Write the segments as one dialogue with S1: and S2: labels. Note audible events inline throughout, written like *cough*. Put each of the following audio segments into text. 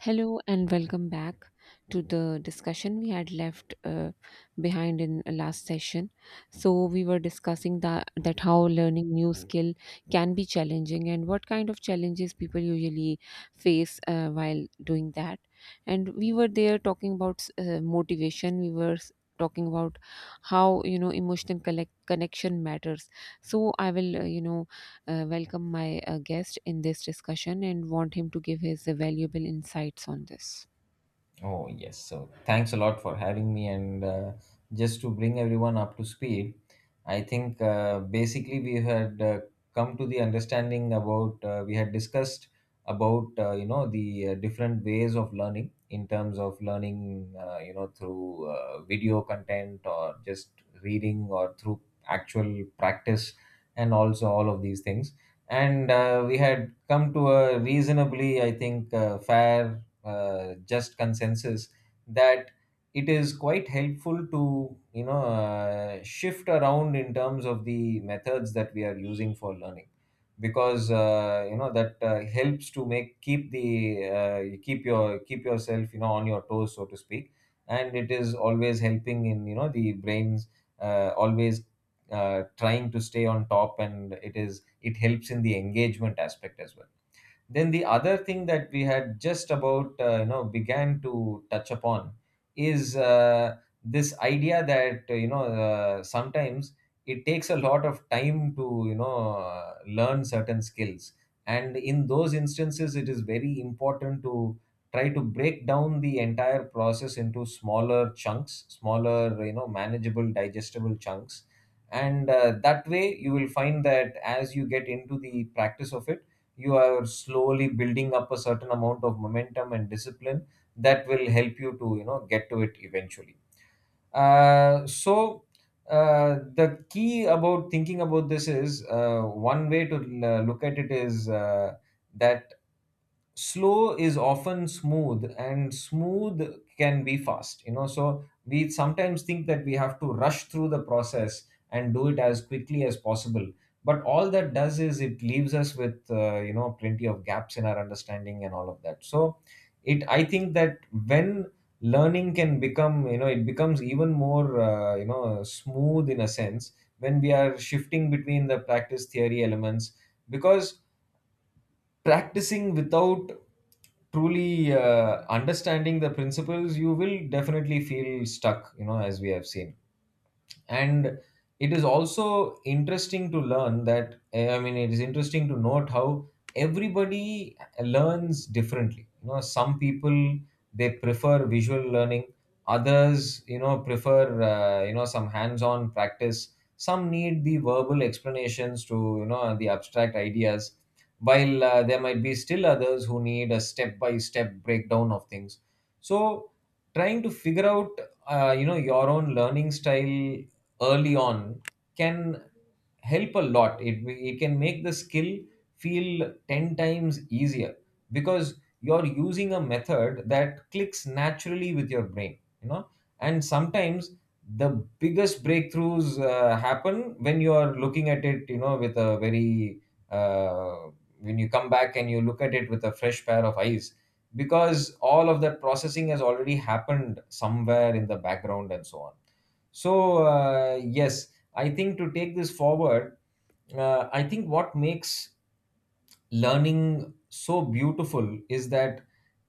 S1: Hello and welcome back to the discussion we had left behind in last session. So we were discussing that how learning new skill can be challenging and what kind of challenges people usually face while doing that. And we were there talking about motivation. Talking about how connection matters. So I will welcome my guest in this discussion and want him to give his valuable insights on this.
S2: Oh, yes. So thanks a lot for having me. And just to bring everyone up to speed, I think basically we had come to the understanding about, we had discussed about, the different ways of learning in terms of learning, through video content or just reading or through actual practice and also all of these things. And we had come to a reasonably, I think, fair just consensus that it is quite helpful to shift around in terms of the methods that we are using for learning, because that helps to make keep the you keep your keep yourself, on your toes, so to speak. And it is always helping in, the brains always trying to stay on top, and it helps in the engagement aspect as well. Then the other thing that we had just about began to touch upon is this idea that sometimes it takes a lot of time to learn certain skills, and in those instances, it is very important to try to break down the entire process into smaller chunks, smaller, manageable, digestible chunks. And that way you will find that as you get into the practice of it, you are slowly building up a certain amount of momentum and discipline that will help you to get to it eventually. So the key about thinking about this is, one way to look at it is that slow is often smooth and smooth can be fast, you know, so we sometimes think that we have to rush through the process and do it as quickly as possible. But all that does is it leaves us with, plenty of gaps in our understanding and all of that. So it I think that when learning can become you know it becomes even more, smooth in a sense, when we are shifting between the practice theory elements, because practicing without truly understanding the principles, you will definitely feel stuck, you know, as we have seen. And it is also interesting to learn that, I mean, it is interesting to note how everybody learns differently. You know, some people, they prefer visual learning, others, you know, prefer some hands on practice, some need the verbal explanations to, the abstract ideas, while there might be still others who need a step by step breakdown of things. So trying to figure out your own learning style early on can help a lot. It can make the skill feel 10 times easier, because you're using a method that clicks naturally with your brain, you know. And sometimes the biggest breakthroughs happen when you are looking at it, you know, with a very uh, when you come back and you look at it with a fresh pair of eyes, because all of that processing has already happened somewhere in the background and so on. So, yes, I think to take this forward, I think what makes learning so beautiful is that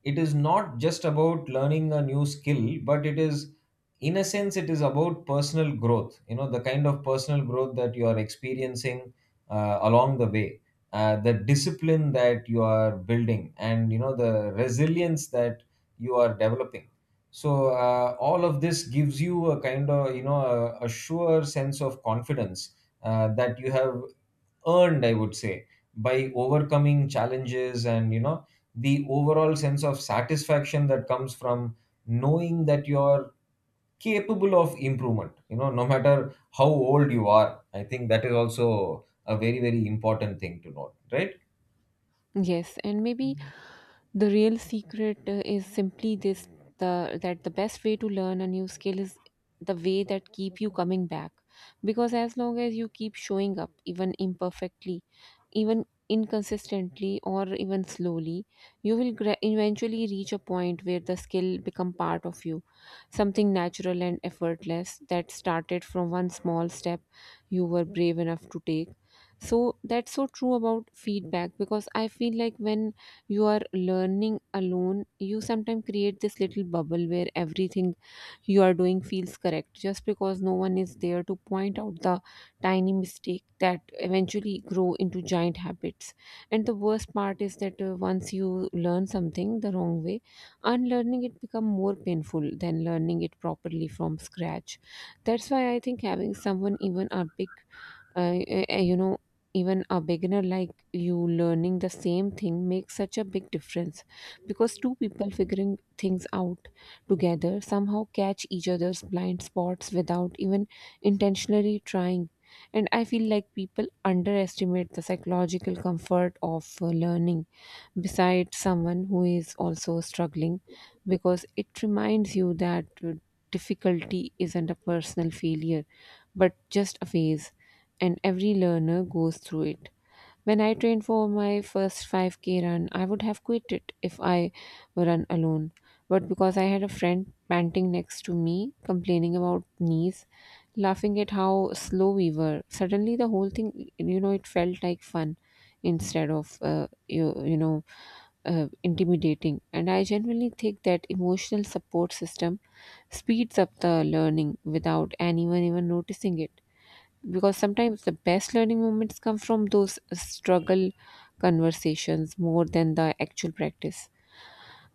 S2: it is not just about learning a new skill, but it is, in a sense, it is about personal growth, you know, the kind of personal growth that you are experiencing along the way, the discipline that you are building, and, you know, the resilience that you are developing. So all of this gives you a kind of, you know, a sure sense of confidence that you have earned, I would say, by overcoming challenges, and, you know, the overall sense of satisfaction that comes from knowing that you're capable of improvement, you know, no matter how old you are. I think that is also a very, very important thing to note, right?
S1: Yes, and maybe the real secret is simply this, the that the best way to learn a new skill is the way that keep you coming back, because as long as you keep showing up, even imperfectly, even inconsistently, or even slowly, you will eventually reach a point where the skill become part of you, something natural and effortless that started from one small step you were brave enough to take. So that's so true about feedback, because I feel like when you are learning alone, you sometimes create this little bubble where everything you are doing feels correct just because no one is there to point out the tiny mistake that eventually grow into giant habits. And the worst part is that once you learn something the wrong way, unlearning it become more painful than learning it properly from scratch. That's why I think having someone, even a big uh, uh, you know even a beginner like you learning the same thing, makes such a big difference, because two people figuring things out together somehow catch each other's blind spots without even intentionally trying. And I feel like people underestimate the psychological comfort of learning beside someone who is also struggling, because it reminds you that difficulty isn't a personal failure but just a phase, and every learner goes through it. When I trained for my first 5k run, I would have quit it if I were run alone. But because I had a friend panting next to me, complaining about knees, laughing at how slow we were, suddenly the whole thing, you know, it felt like fun instead of, intimidating. And I genuinely think that emotional support system speeds up the learning without anyone even noticing it, because sometimes the best learning moments come from those struggle conversations more than the actual practice,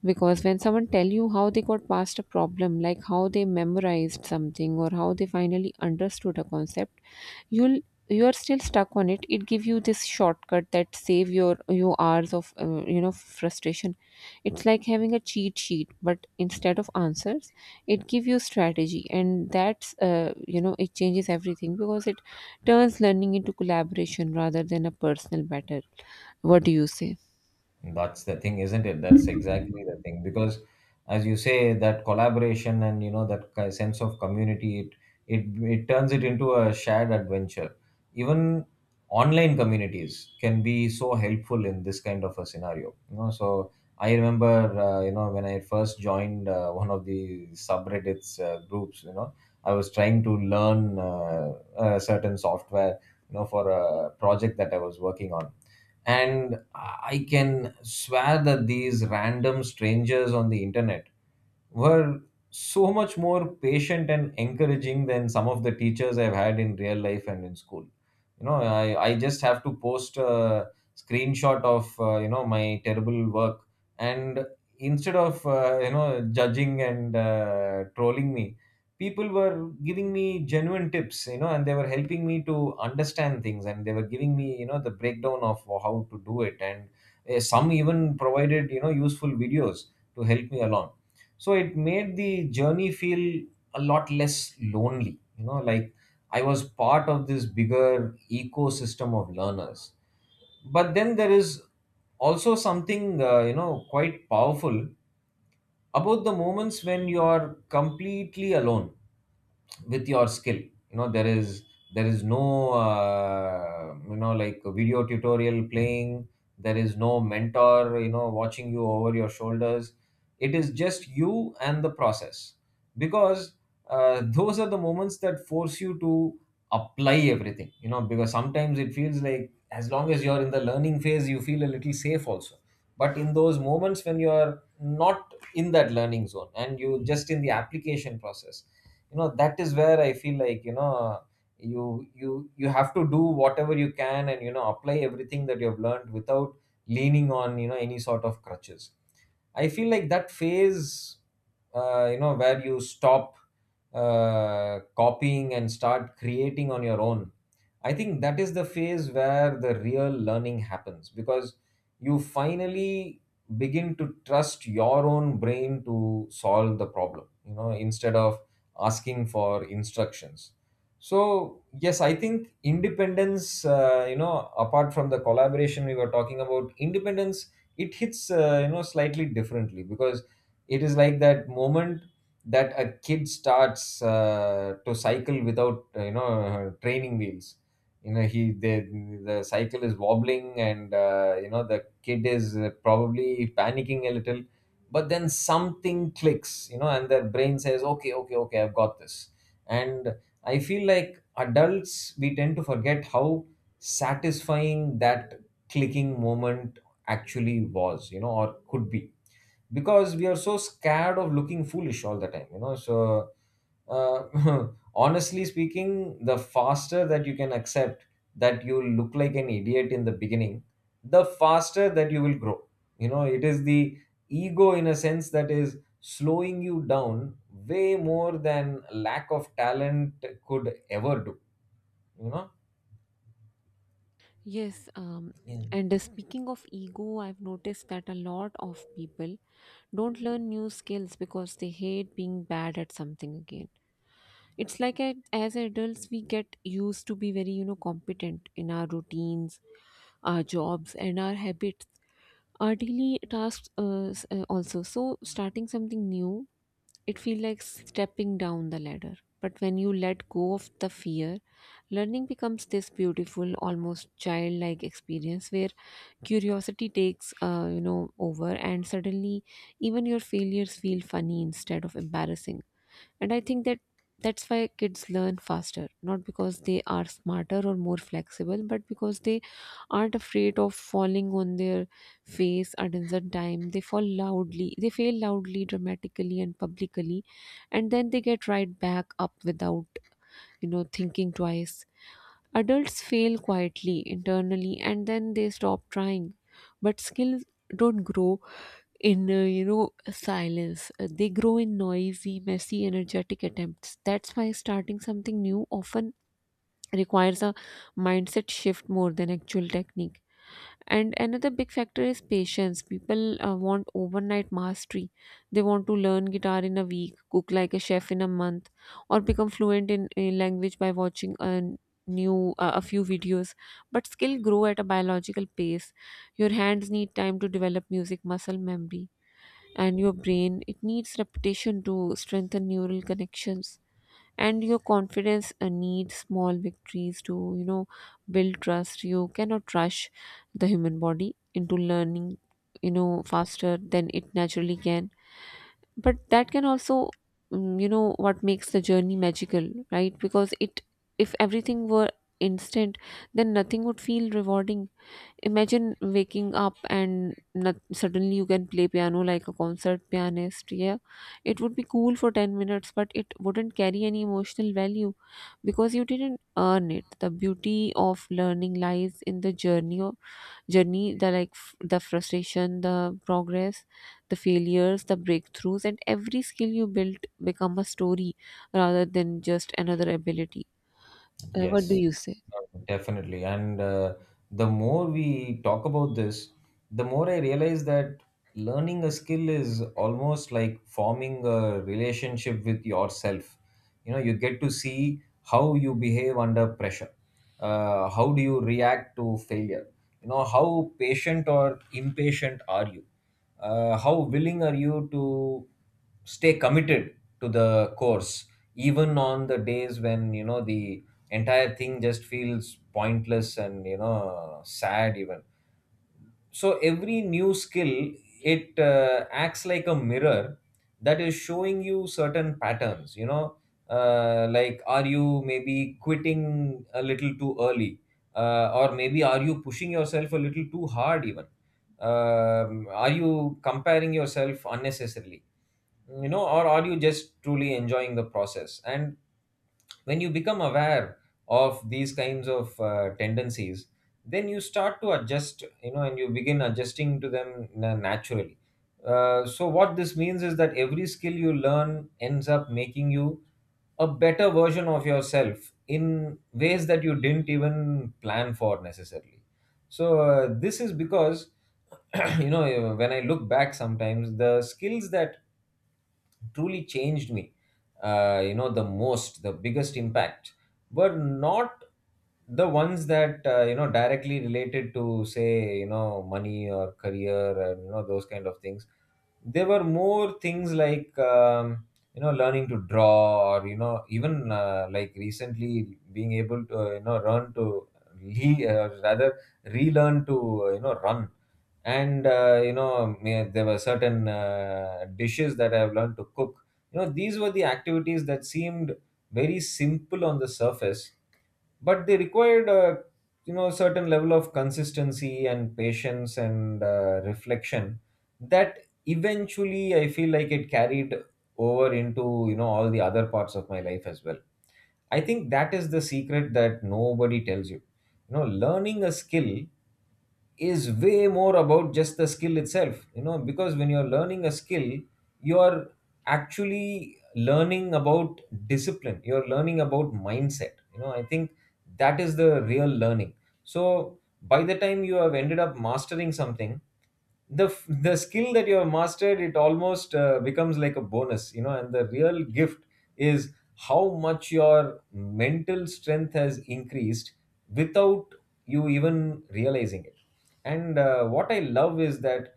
S1: because when someone tell you how they got past a problem, like how they memorized something or how they finally understood a concept, you'll you are still stuck on it. It give you this shortcut that save your you hours of frustration. It's like having a cheat sheet, but instead of answers, it give you strategy, and that's it changes everything because it turns learning into collaboration rather than a personal battle. What do you say?
S2: That's the thing, isn't it? That's exactly the thing. Because, as you say, that collaboration and, you know, that sense of community, it turns it into a shared adventure. Even online communities can be so helpful in this kind of a scenario. You know, so I remember, when I first joined one of the subreddits groups, you know, I was trying to learn a certain software, you know, for a project that I was working on. And I can swear that these random strangers on the internet were so much more patient and encouraging than some of the teachers I've had in real life and in school. You know, I just have to post a screenshot of, my terrible work. And instead of, judging and trolling me, people were giving me genuine tips, you know, and they were helping me to understand things, and they were giving me, you know, the breakdown of how to do it. And some even provided, you know, useful videos to help me along. So it made the journey feel a lot less lonely, you know, like I was part of this bigger ecosystem of learners. But then there is also something quite powerful about the moments when you are completely alone with your skill. You know, there is no like a video tutorial playing, there is no mentor, you know, watching you over your shoulders. It is just you and the process, because *laughs* those are the moments that force you to apply everything, you know, because sometimes it feels like as long as you're in the learning phase you feel a little safe also. But in those moments when you are not in that learning zone and you just in the application process, you know, that is where I feel like, you know, you you have to do whatever you can, and, you know, apply everything that you have learned without leaning on, you know, any sort of crutches. I feel like that phase, you know, where you stop copying and start creating on your own, I think that is the phase where the real learning happens, because you finally begin to trust your own brain to solve the problem, you know, instead of asking for instructions. So, yes, I think independence, you know, apart from the collaboration we were talking about, independence, it hits, slightly differently, because it is like that moment that a kid starts to cycle without, training wheels. You know, he the cycle is wobbling, and, you know, the kid is probably panicking a little, but then something clicks, you know, and their brain says, okay, okay, okay, I've got this. And I feel like adults, we tend to forget how satisfying that clicking moment actually was, you know, or could be, because we are so scared of looking foolish all the time, you know. So uh, *laughs* honestly speaking, the faster that you can accept that you look like an idiot in the beginning, the faster that you will grow. You know, it is the ego, in a sense, that is slowing you down way more than lack of talent could ever do, you know.
S1: Yes, um,
S2: Yeah.
S1: and speaking of ego, I've noticed that a lot of people don't learn new skills because they hate being bad at something again. It's like a, as adults, we get used to be very, you know, competent in our routines, our jobs, and our habits, our daily tasks also. So, starting something new, it feels like stepping down the ladder. But when you let go of the fear, learning becomes this beautiful, almost childlike experience where curiosity takes over, and suddenly even your failures feel funny instead of embarrassing. And I think that that's why kids learn faster, not because they are smarter or more flexible, but because they aren't afraid of falling on their face. At instant time they fall loudly, they fail loudly, dramatically, and publicly, and then they get right back up without thinking twice. Adults fail quietly, internally, and then they stop trying. But skills don't grow in, silence. They grow in noisy, messy, energetic attempts. That's why starting something new often requires a mindset shift more than actual technique. And another big factor is patience. People want overnight mastery. They want to learn guitar in a week, cook like a chef in a month, or become fluent in a language by watching a few videos. But skill grow at a biological pace. Your hands need time to develop music muscle memory, and your brain, it needs repetition to strengthen neural connections, and your confidence needs small victories to build trust. You cannot rush the human body into learning faster than it naturally can. But that can also, you know, what makes the journey magical, right? Because it if everything were instant, then nothing would feel rewarding. Imagine waking up and not, suddenly you can play piano like a concert pianist, yeah. It would be cool for 10 minutes, but it wouldn't carry any emotional value because you didn't earn it. The beauty of learning lies in the journey, the the frustration, the progress, the failures, the breakthroughs, and every skill you built become a story rather than just another ability. What do
S2: Yes,
S1: you say?
S2: definitely. And the more we talk about this, the more I realize that learning a skill is almost like forming a relationship with yourself. You know, you get to see how you behave under pressure. How do you react to failure? You know, how patient or impatient are you? How willing are you to stay committed to the course, even on the days when, the entire thing just feels pointless and sad even. So every new skill, it acts like a mirror that is showing you certain patterns, like, are you maybe quitting a little too early, or maybe are you pushing yourself a little too hard even, are you comparing yourself unnecessarily, or are you just truly enjoying the process? And when you become aware of these kinds of tendencies, then you start to adjust, you know, and you begin adjusting to them naturally. So what this means is that every skill you learn ends up making you a better version of yourself in ways that you didn't even plan for necessarily. So this is because *clears throat* you know, when I look back, sometimes the skills that truly changed me, you know, the most, the biggest impact, were not the ones that you know, directly related to, say, you know, money or career and you know, those kind of things. There were more things like you know, learning to draw, or you know, even like recently being able to you know, learn to *laughs* rather relearn to you know, run. And you know, there were certain dishes that I've learned to cook. You know, these were the activities that seemed very simple on the surface, but they required a, you know, certain level of consistency and patience and reflection that eventually, I feel like it carried over into, you know, all the other parts of my life as well. I think that is the secret that nobody tells you. You know, learning a skill is way more about just the skill itself, you know, because when you're learning a skill, you're actually learning about discipline, you're learning about mindset. You know, I think that is the real learning. So by the time you have ended up mastering something, the skill that you have mastered, it almost becomes like a bonus, you know, and the real gift is how much your mental strength has increased without you even realizing it. And what I love is that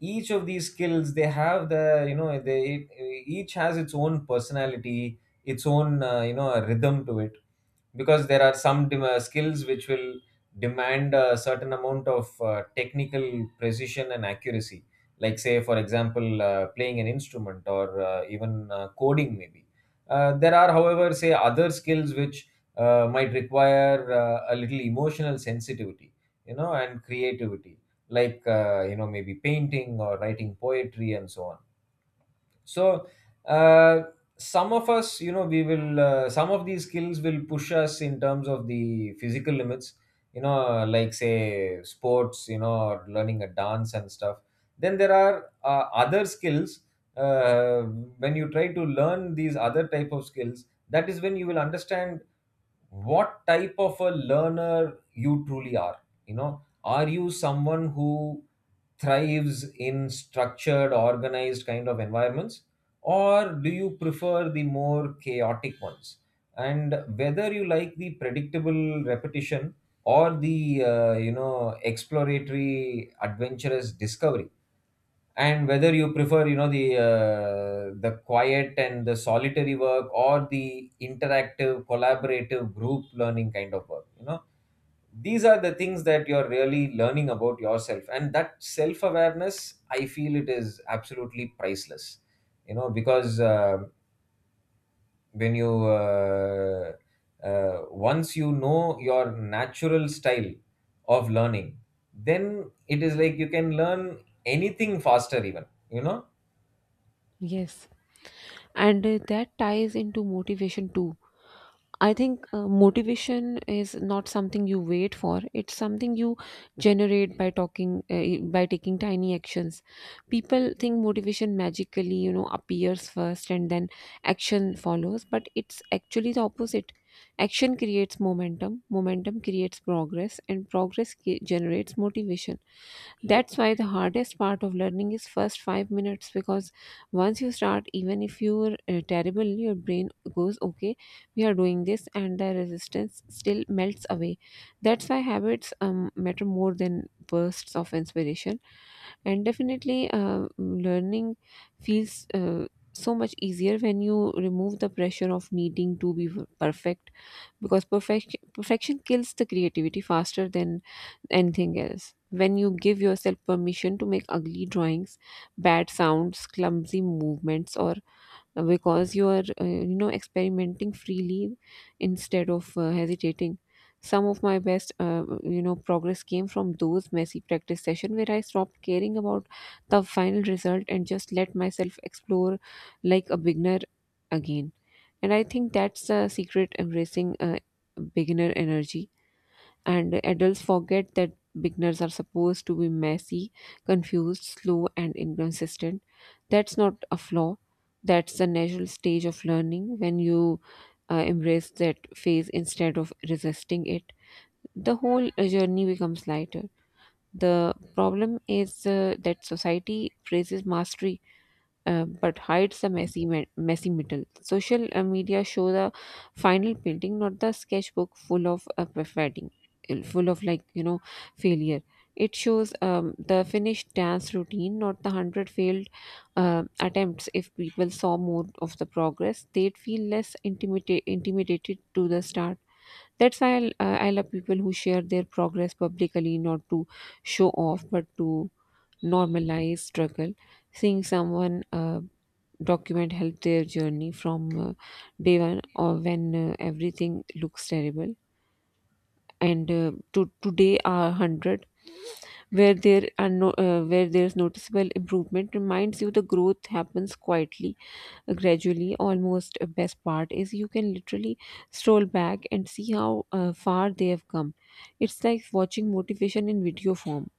S2: each of these skills, they have the, you know, they each has its own personality, its own you know, rhythm to it. Because there are some skills which will demand a certain amount of technical precision and accuracy, like, say for example, playing an instrument or even coding maybe. There are, however, say, other skills which might require a little emotional sensitivity, you know, and creativity, like you know, maybe painting or writing poetry and so on. So uh, some of us, you know, we will some of these skills will push us in terms of the physical limits, you know, like, say, sports, you know, or learning a dance and stuff. Then there are other skills, uh, when you try to learn these other type of skills, that is when you will understand what type of a learner you truly are. You know, are you someone who thrives in structured, organized kind of environments, or do you prefer the more chaotic ones? And whether you like the predictable repetition or the you know, exploratory, adventurous discovery. And whether you prefer, you know, the the quiet and the solitary work, or the interactive, collaborative, group learning kind of work, you know. These are the things that you're really learning about yourself, and that self awareness, I feel it is absolutely priceless. You know, because when you once you know your natural style of learning, then it is like you can learn anything faster even, you know.
S1: Yes. And that ties into motivation too. I think motivation is not something you wait for. It's something you generate by talking, by taking tiny actions. People think motivation magically, you know, appears first and then action follows, but it's actually the opposite. Action creates momentum, momentum creates progress, and progress generates motivation. That's why the hardest part of learning is first 5 minutes, because once you start, even if you're terrible, your brain goes, okay, we are doing this, and the resistance still melts away. That's why habits matter more than bursts of inspiration. And definitely learning feels so much easier when you remove the pressure of needing to be perfect, because perfection kills the creativity faster than anything else. When you give yourself permission to make ugly drawings, bad sounds, clumsy movements, or because you are experimenting freely instead of hesitating, some of my best progress came from those messy practice sessions where I stopped caring about the final result and just let myself explore like a beginner again. And I think that's the secret: embracing beginner energy. And adults forget that beginners are supposed to be messy, confused, slow, and inconsistent. That's not a flaw. That's the natural stage of learning. When you embrace that phase instead of resisting it, the whole journey becomes lighter. The problem is that society praises mastery but hides the messy middle. Social media show the final painting, not the sketchbook full of perfecting, full of failure. It shows the finished dance routine, not the hundred failed attempts. If people saw more of the progress, they'd feel less intimidated to the start. That's why I love people who share their progress publicly, not to show off, but to normalize struggle. Seeing someone document help their journey from day one, or when everything looks terrible, and to today are 100, where there are no, where there's noticeable improvement, reminds you the growth happens quietly, gradually, almost. Best part is you can literally stroll back and see how far they have come. It's like watching motivation in video form.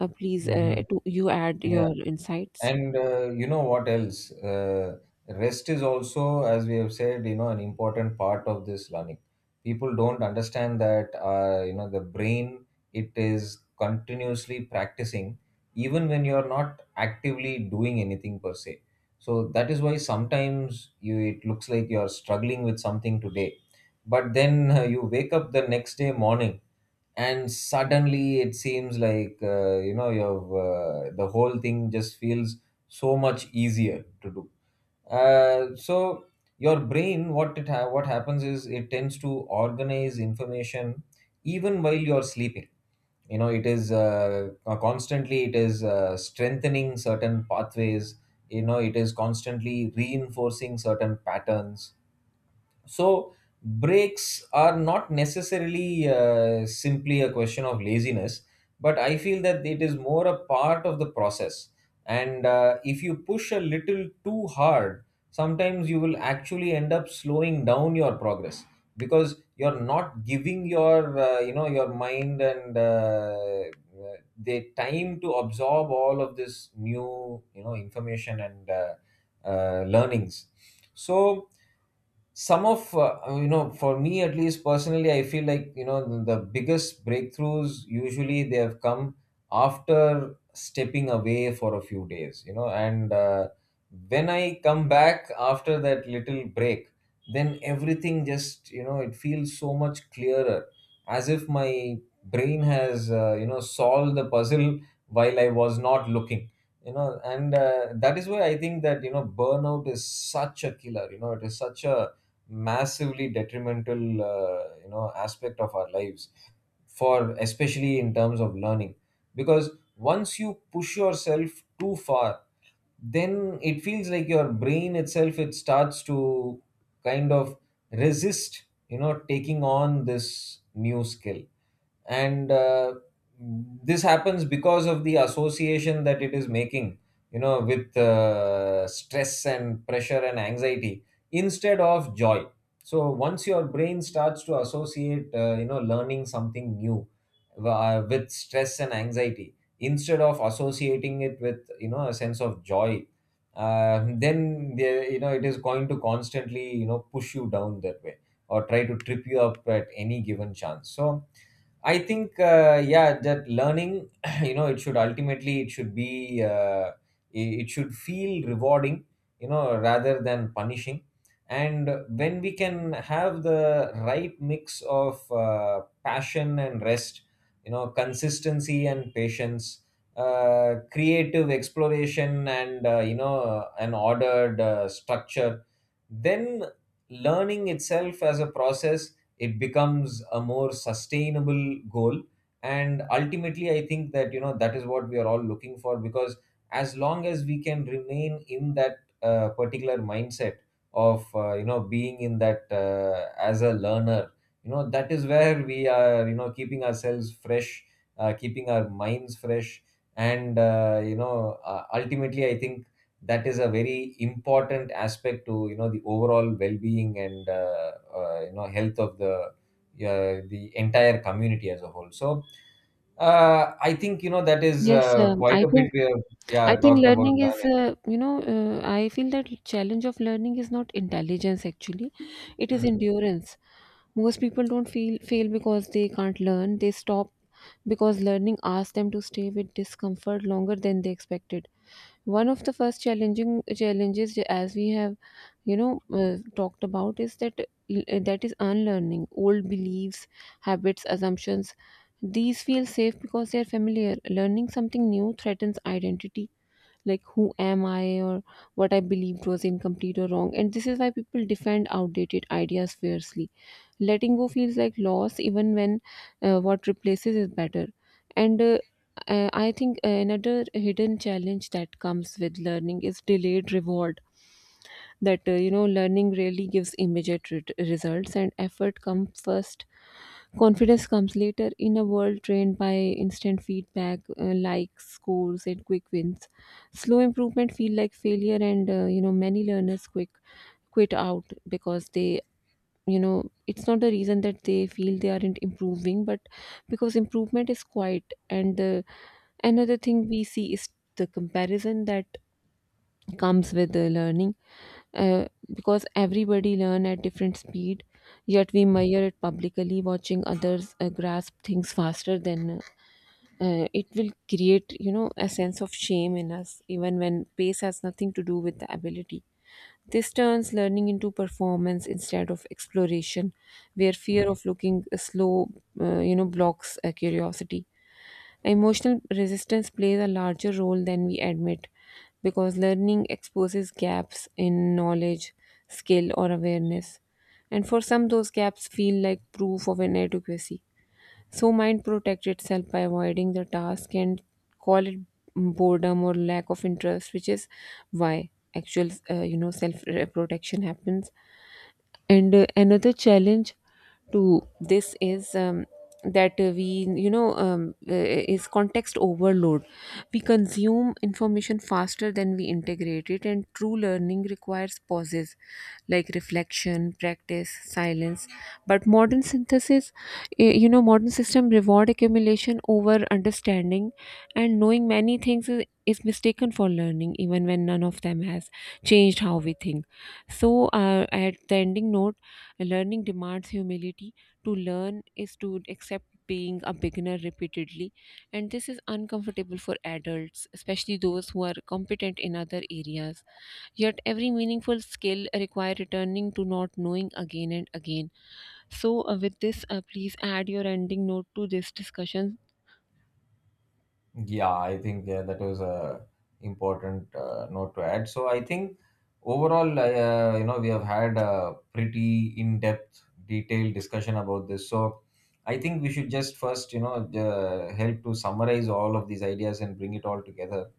S1: Please,
S2: Mhm.
S1: you add
S2: Yeah,
S1: your insights.
S2: and you know what else? Rest is also, as we have said, you know, an important part of this learning. People don't understand that, you know, the brain, it is continuously practicing, even when you are not actively doing anything per se. So that is why sometimes you, it looks like you are struggling with something today, but then *laughs* you wake up the next day morning and suddenly it seems like, you know, you've the whole thing just feels so much easier to do. So your brain, what it what happens is, it tends to organize information even while you're sleeping. You know, it is constantly, it is strengthening certain pathways, you know, it is constantly reinforcing certain patterns. So breaks are not necessarily simply a question of laziness, but I feel that it is more a part of the process. And if you push a little too hard, sometimes you will actually end up slowing down your progress, because you're not giving your you know, your mind and the time to absorb all of this new, you know, information and learnings. So some of you know, for me at least personally, I feel like, you know, the biggest breakthroughs usually, they have come after stepping away for a few days, you know, and when I come back after that little break, then everything just, you know, it feels so much clearer, as if my brain has you know, solved the puzzle while I was not looking. You know, and that is why I think that, you know, burnout is such a killer. You know, it is such a massively detrimental you know, aspect of our lives, for, especially in terms of learning. Because once you push yourself too far, then it feels like your brain itself, it starts to kind of resist, you know, taking on this new skill. And this happens because of the association that it is making, you know, with stress and pressure and anxiety instead of joy. So once your brain starts to associate you know, learning something new with stress and anxiety instead of associating it with, you know, a sense of joy, then the, you know, it is going to constantly, you know, push you down that way, or try to trip you up at any given chance. So I think yeah, that learning *clears throat* you know, it should ultimately, it should be it should feel rewarding, you know, rather than punishing. And when we can have the right mix of passion and rest, you know, consistency and patience, creative exploration and you know, an ordered structure, then learning itself as a process, it becomes a more sustainable goal. And ultimately, I think that, you know, that is what we are all looking for. Because as long as we can remain in that particular mindset of you know, being in that as a learner, you know, that is where we are, you know, keeping ourselves fresh, keeping our minds fresh. And you know, ultimately, I think that is a very important aspect to, you know, the overall well-being and you know, health of the entire community as a whole. So I think, you know, that is
S1: Yes,
S2: quite
S1: I
S2: a
S1: think,
S2: bit we have,
S1: I
S2: yeah,
S1: think
S2: talked about
S1: learning is,
S2: learning.
S1: I feel that challenge of learning is not intelligence actually, it is
S2: Hmm.
S1: endurance. Most people don't feel fail because they can't learn. They stop because learning asks them to stay with discomfort longer than they expected. One of the first challenging challenges, as we have, talked about, is that is unlearning old beliefs, habits, assumptions. These feel safe because they are familiar. Learning something new threatens identity, like who am I, or what I believed was incomplete or wrong. And this is why people defend outdated ideas fiercely. Letting go feels like loss even when what replaces is better. And I think another hidden challenge that comes with learning is delayed reward, that learning really gives immediate results, and effort comes first, confidence comes later. In a world trained by instant feedback, likes, scores, and quick wins, slow improvement feel like failure. And many learners quick quit out because they, it's not the reason that they feel they aren't improving, but because improvement is quiet. And the another thing we see is the comparison that comes with the learning, uh, because everybody learn at different speed, yet we measure it publicly. Watching others grasp things faster than it will create a sense of shame in us even when pace has nothing to do with the ability. This turns learning into performance instead of exploration, where fear of looking slow blocks curiosity. Emotional resistance plays a larger role than we admit, because learning exposes gaps in knowledge, skill, or awareness. And for some, those gaps feel like proof of inadequacy. So, mind protects itself by avoiding the task and call it boredom or lack of interest, which is why actual, self protection happens. And another challenge to this is that we you know is context overload. We consume information faster than we integrate it, and true learning requires pauses, like reflection, practice, silence. But modern synthesis eh, you know modern system reward accumulation over understanding, and knowing many things is mistaken for learning even when none of them has changed how we think. So at the ending note: learning demands humility. To learn is to accept being a beginner repeatedly, and this is uncomfortable for adults, especially those who are competent in other areas. Yet, every meaningful skill requires returning to not knowing again and again. So, with this, please add your ending note to this discussion,
S2: Yeah, I think that was a important note to add. So I think overall, you know, we have had a pretty in-depth, detailed discussion about this. So I think we should just first, you know, help to summarize all of these ideas and bring it all together.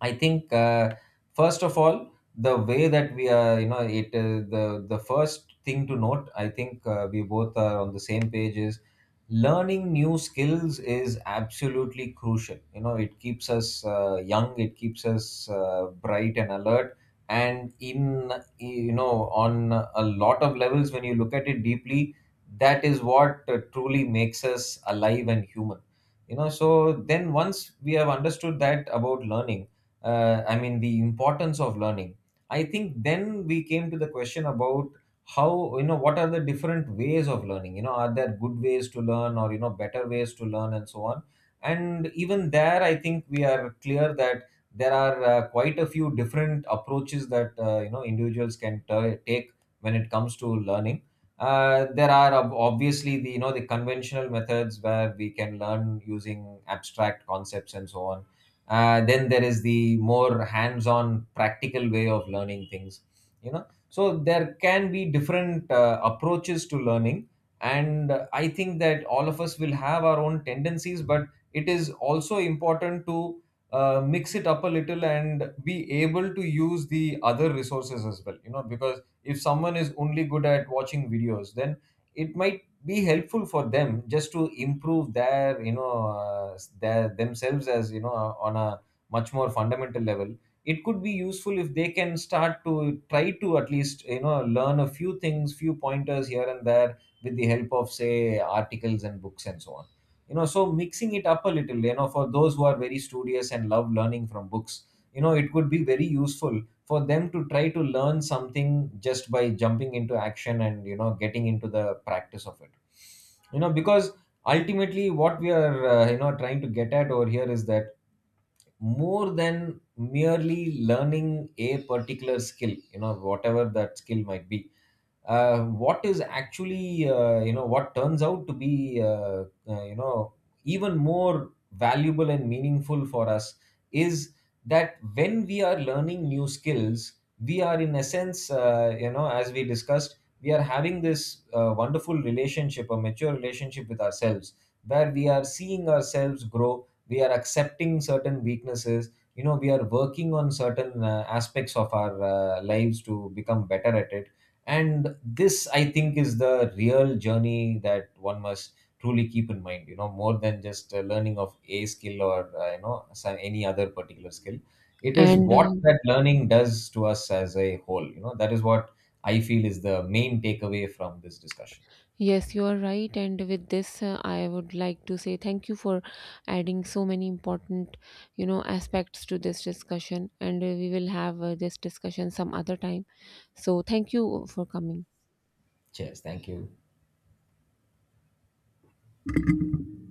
S2: I think first of all, the way that we are, you know, it the first thing to note, I think we both are on the same page, is learning new skills is absolutely crucial. You know, it keeps us young, it keeps us bright and alert. And in, you know, on a lot of levels when you look at it deeply, that is what truly makes us alive and human, you know. So then, once we have understood that about learning, I mean, the importance of learning, I think then we came to the question about how, you know, what are the different ways of learning. You know, are there good ways to learn, or, you know, better ways to learn, and so on. And even there, I think we are clear that there are quite a few different approaches that you know, individuals can take when it comes to learning. There are obviously the, you know, the conventional methods where we can learn using abstract concepts and so on. Then there is the more hands-on practical way of learning things, you know. So there can be different approaches to learning. And I think that all of us will have our own tendencies, but it is also important to mix it up a little and be able to use the other resources as well. You know, because if someone is only good at watching videos, then it might be helpful for them just to improve their, you know, their themselves, as you know, on a much more fundamental level. It could be useful if they can start to try to at least, you know, learn a few things, few pointers here and there with the help of, say, articles and books and so on. You know, so mixing it up a little, you know, for those who are very studious and love learning from books, you know, it could be very useful for them to try to learn something just by jumping into action and, you know, getting into the practice of it. You know, because ultimately what we are you know, trying to get at over here is that, more than merely learning a particular skill, you know, whatever that skill might be, what is actually you know what turns out to be you know, even more valuable and meaningful for us is that, when we are learning new skills, we are in essence, you know, as we discussed, we are having this wonderful relationship, a mature relationship with ourselves, where we are seeing ourselves grow, we are accepting certain weaknesses, you know, we are working on certain aspects of our lives to become better at it. And this, I think, is the real journey that one must truly keep in mind. You know, more than just learning of a skill, or you know, some, any other particular skill, it is
S1: and
S2: what that learning does to us as a whole. You know, that is what I feel is the main takeaway from this discussion.
S1: Yes, you are right. And with this, I would like to say thank you for adding so many important, you know, aspects to this discussion. And we will have this discussion some other time. So thank you for coming.
S2: Cheers, thank you.